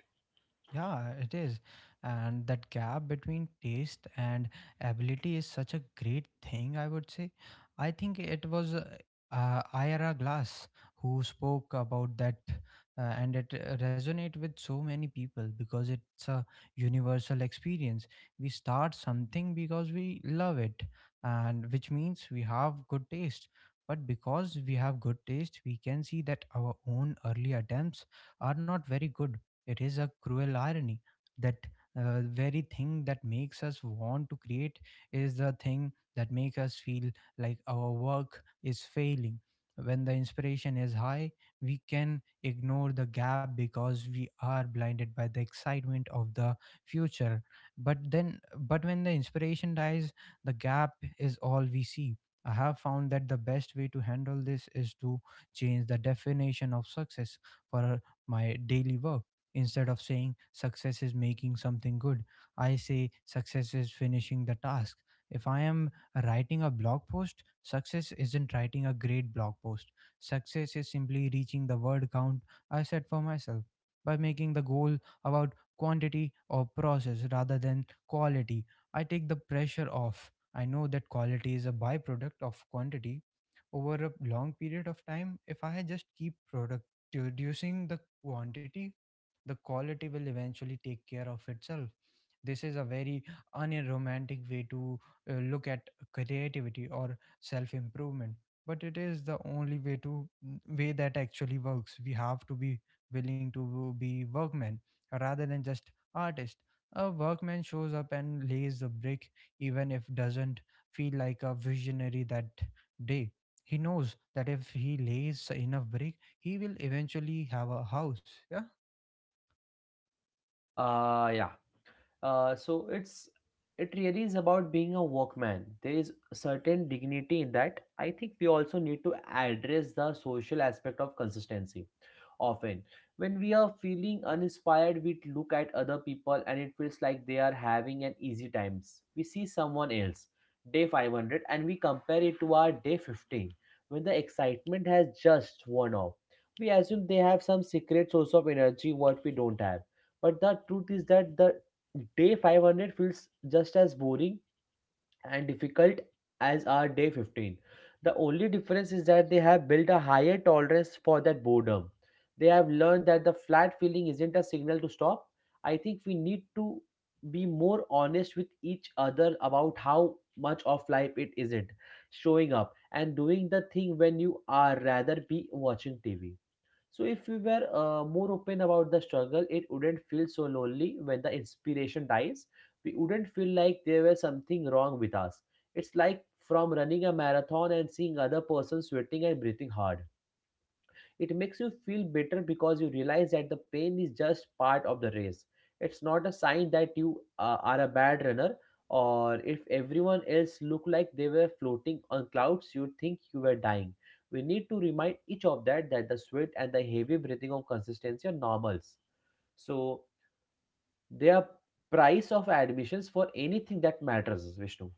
Speaker 1: Yeah, it is. And that gap between taste and ability is such a great thing, I would say. I think it was Ira Glass who spoke about that, and it resonate with so many people because it's a universal experience. We start something because we love it, and which means we have good taste. But because we have good taste, we can see that our own early attempts are not very good. It is a cruel irony that very thing that makes us want to create is the thing that makes us feel like our work is failing. When the inspiration is high, we can ignore the gap because we are blinded by the excitement of the future. But when the inspiration dies, the gap is all we see. I have found that the best way to handle this is to change the definition of success for my daily work. Instead of saying success is making something good, I say success is finishing the task. If I am writing a blog post, success isn't writing a great blog post. Success is simply reaching the word count I set for myself by making the goal about quantity or process rather than quality. I take the pressure off. I know that quality is a byproduct of quantity over a long period of time. If I just keep product reducing the quantity, the quality will eventually take care of itself. This is a very unromantic way to look at creativity or self improvement, but it is the only way to way that actually works. We have to be willing to be workmen rather than just artists. A workman shows up and lays the brick, even if doesn't feel like a visionary that day. He knows that if he lays enough brick, he will eventually have a house. Yeah.
Speaker 2: Yeah. Uh, so it's it really is about being a workman. There is a certain dignity in that. I think we also need to address the social aspect of consistency often. When we are feeling uninspired, we look at other people and it feels like they are having an easy times. We see someone else, day 500, and we compare it to our day 15, when the excitement has just worn off. We assume they have some secret source of energy what we don't have. But the truth is that the day 500 feels just as boring and difficult as are day 15. The only difference is that they have built a higher tolerance for that boredom. They have learned that the flat feeling isn't a signal to stop. I think we need to be more honest with each other about how much of life it isn't showing up and doing the thing when you are rather be watching TV. So if we were more open about the struggle, it wouldn't feel so lonely when the inspiration dies. We wouldn't feel like there was something wrong with us. It's like from running a marathon and seeing other person sweating and breathing hard. It makes you feel better because you realize that the pain is just part of the race. It's not a sign that you are a bad runner, or if everyone else looked like they were floating on clouds, you'd think you were dying. We need to remind each of that that the sweat and the heavy breathing of consistency are normals. So they are price of admissions for anything that matters, Vishnu.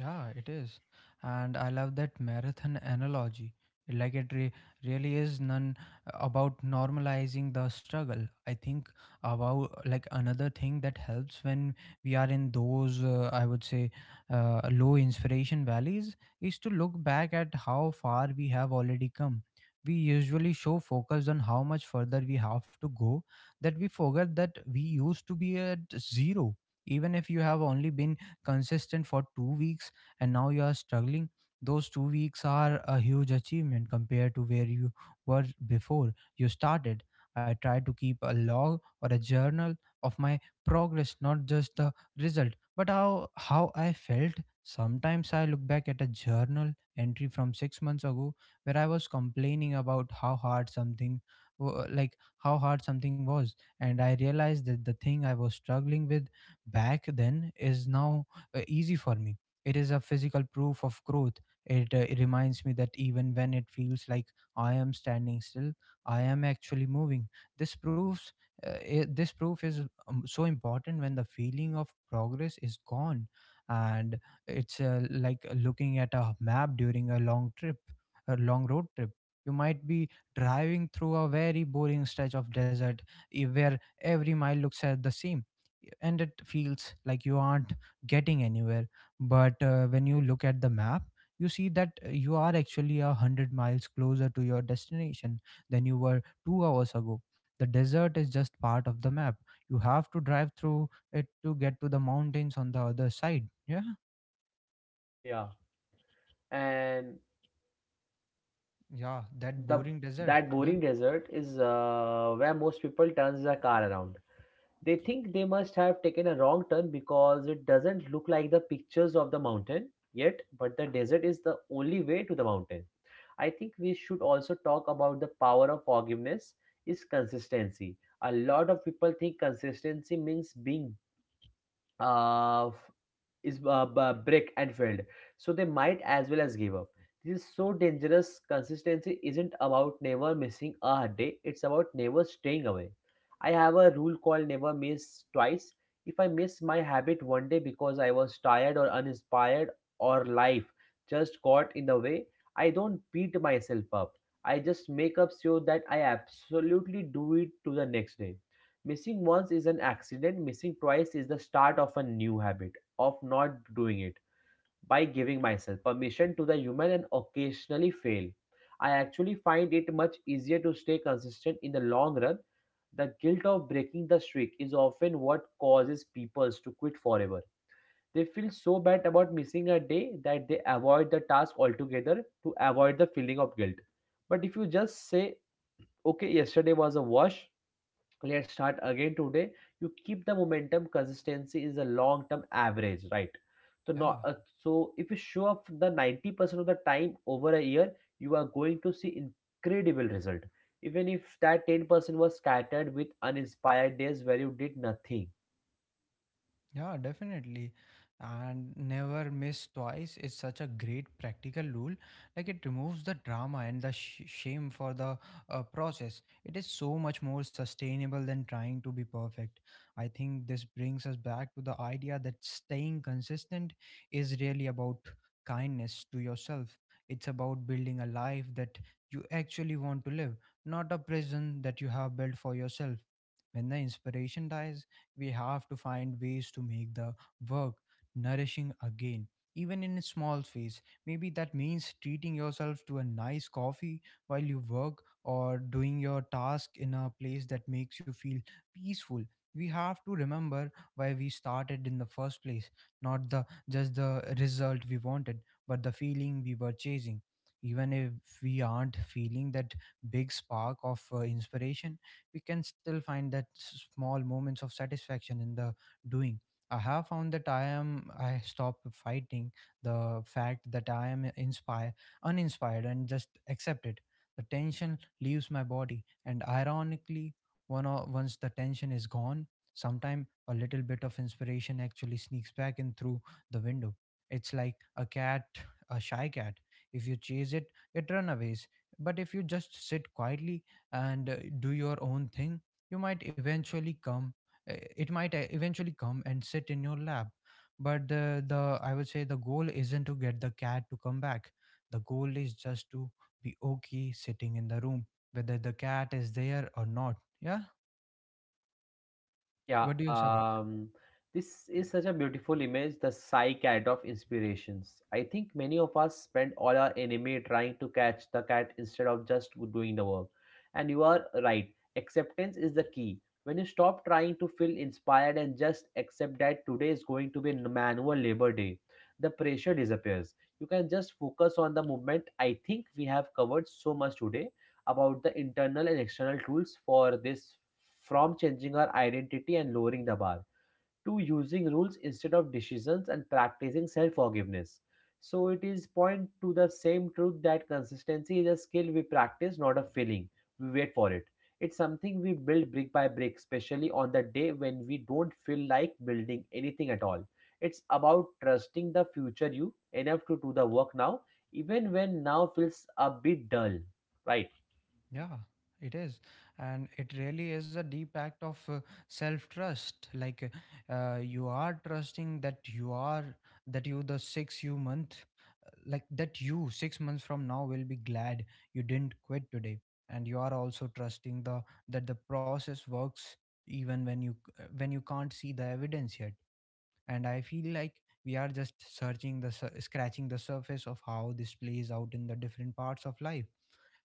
Speaker 1: Yeah, it is. And I love that marathon analogy. Like it really is none about normalizing the struggle. I think about, like, another thing that helps when we are in those, I would say, low inspiration valleys is to look back at how far we have already come. We usually show focus on how much further we have to go that we forget that we used to be at zero. Even if you have only been consistent for 2 weeks and now you are struggling, those 2 weeks are a huge achievement compared to where you were before you started. I try to keep a log or a journal of my progress, not just the result, but how I felt. Sometimes I look back at a journal entry from 6 months ago where I was complaining about wa- like how hard something was, and I realized that the thing I was struggling with back then is now easy for me. It is a physical proof of growth. It reminds me that even when it feels like I am standing still, I am actually moving. This proves this proof is so important when the feeling of progress is gone, and it's like looking at a map during a long road trip. You might be driving through a very boring stretch of desert, where every mile looks the same, and it feels like you aren't getting anywhere. But when you look at the map, you see that you are actually 100 miles closer to your destination than you were 2 hours ago. The desert is just part of the map. You have to drive through it to get to the mountains on the other side. Yeah,
Speaker 2: Yeah, and
Speaker 1: yeah, that
Speaker 2: the
Speaker 1: boring desert.
Speaker 2: that
Speaker 1: Yeah,
Speaker 2: boring desert is where most people turns their car around. They think they must have taken a wrong turn because it doesn't look like the pictures of the mountain yet, but the desert is the only way to the mountain. I think we should also talk about the power of forgiveness is consistency. A lot of people think consistency means being uh, f- brick and filled, so they might as well as give up. This is so dangerous. Consistency isn't about never missing a hard day, it's about never staying away. I have a rule called never miss twice. If I miss my habit one day because I was tired or uninspired or life just got in the way, I don't beat myself up. I just make up sure that I absolutely do it to the next day. Missing once is an accident, missing twice is the start of a new habit of not doing it. By giving myself permission to the human and occasionally fail, I actually find it much easier to stay consistent in the long run. The guilt of breaking the streak is often what causes people to quit forever. They feel so bad about missing a day that they avoid the task altogether to avoid the feeling of guilt. But if you just say, okay, yesterday was a wash, let's start again today, you keep the momentum. Consistency is a long term average, right? so
Speaker 1: yeah.
Speaker 2: not uh, so if you show up the 90% of the time over a year, you are going to see incredible result, even if that 10% was scattered with uninspired days where you did nothing.
Speaker 1: Yeah, definitely. And never miss twice is such a great practical rule. Like it removes the drama and the shame for the process. It is so much more sustainable than trying to be perfect. I think this brings us back to the idea that staying consistent is really about kindness to yourself. It's about building a life that you actually want to live, not a prison that you have built for yourself. When the inspiration dies, we have to find ways to make the work nourishing again, even in small ways. Maybe that means treating yourself to a nice coffee while you work, or doing your task in a place that makes you feel peaceful. We have to remember why we started in the first place, not the just the result we wanted, but the feeling we were chasing. Even if we aren't feeling that big spark of inspiration, we can still find that small moments of satisfaction in the doing. I have found that I stop fighting the fact that I am inspired uninspired and just accept it. The tension leaves my body, and ironically, once the tension is gone, sometime a little bit of inspiration actually sneaks back in through the window. It's like a shy cat. If you chase it, it runaways. But if you just sit quietly and do your own thing, you might eventually come it might eventually come and sit in your lap. But the, I would say, the goal isn't to get the cat to come back. The goal is just to be okay sitting in the room whether the cat is there or not. Yeah,
Speaker 2: Yeah,
Speaker 1: what do you say about
Speaker 2: this is such a beautiful image, the psy-cat of inspirations. I think many of us spend all our enemy trying to catch the cat instead of just doing the work. And you are right, acceptance is the key. When you stop trying to feel inspired and just accept that today is going to be manual labor day, the pressure disappears. You can just focus on the movement. I think we have covered so much today about the internal and external tools for this, from changing our identity and lowering the bar to using rules instead of decisions and practicing self forgiveness. So it is point to the same truth that consistency is a skill we practice, not a feeling. We wait for it. It's something we build brick by brick, especially on the day when we don't feel like building anything at all. It's about trusting the future you enough to do the work now, even when now feels a bit dull, right?
Speaker 1: Yeah, it is. And it really is a deep act of self trust. Like you are trusting that you are, that you, the six you month, like that you 6 months from now will be glad you didn't quit today. And you are also trusting the that the process works even when you can't see the evidence yet. And I feel like we are just scratching the surface of how this plays out in the different parts of life,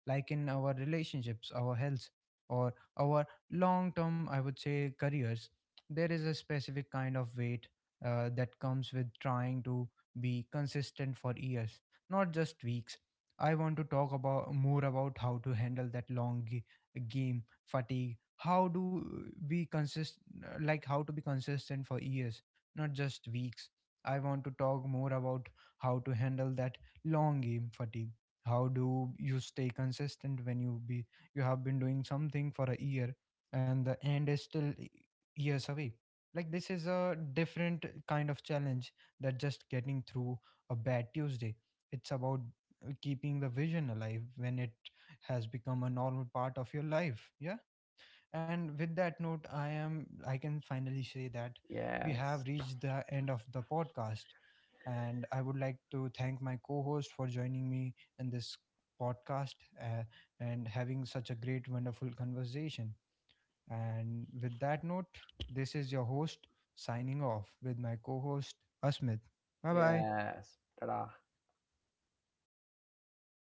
Speaker 1: like in our relationships, our health, or our long term, I would say, careers. There is a specific kind of weight that comes with trying to be consistent for years, not just weeks. I want to talk about more about how to handle that long game fatigue. How do we consist like how to be consistent for years, not just weeks. I want to talk more about how to handle that long game fatigue. How do you stay consistent when you be you have been doing something for a year, and the end is still years away. Like, this is a different kind of challenge that just getting through a bad Tuesday. It's about keeping the vision alive when it has become a normal part of your life. Yeah. And with that note, I can finally say that we
Speaker 2: Yes.
Speaker 1: have reached the end of the podcast. And I would like to thank my co-host for joining me in this podcast, uh, and having such a great, wonderful conversation. And with that note, this is your host signing off with my co-host Asmit. Bye bye.
Speaker 2: Yes. Ta-da.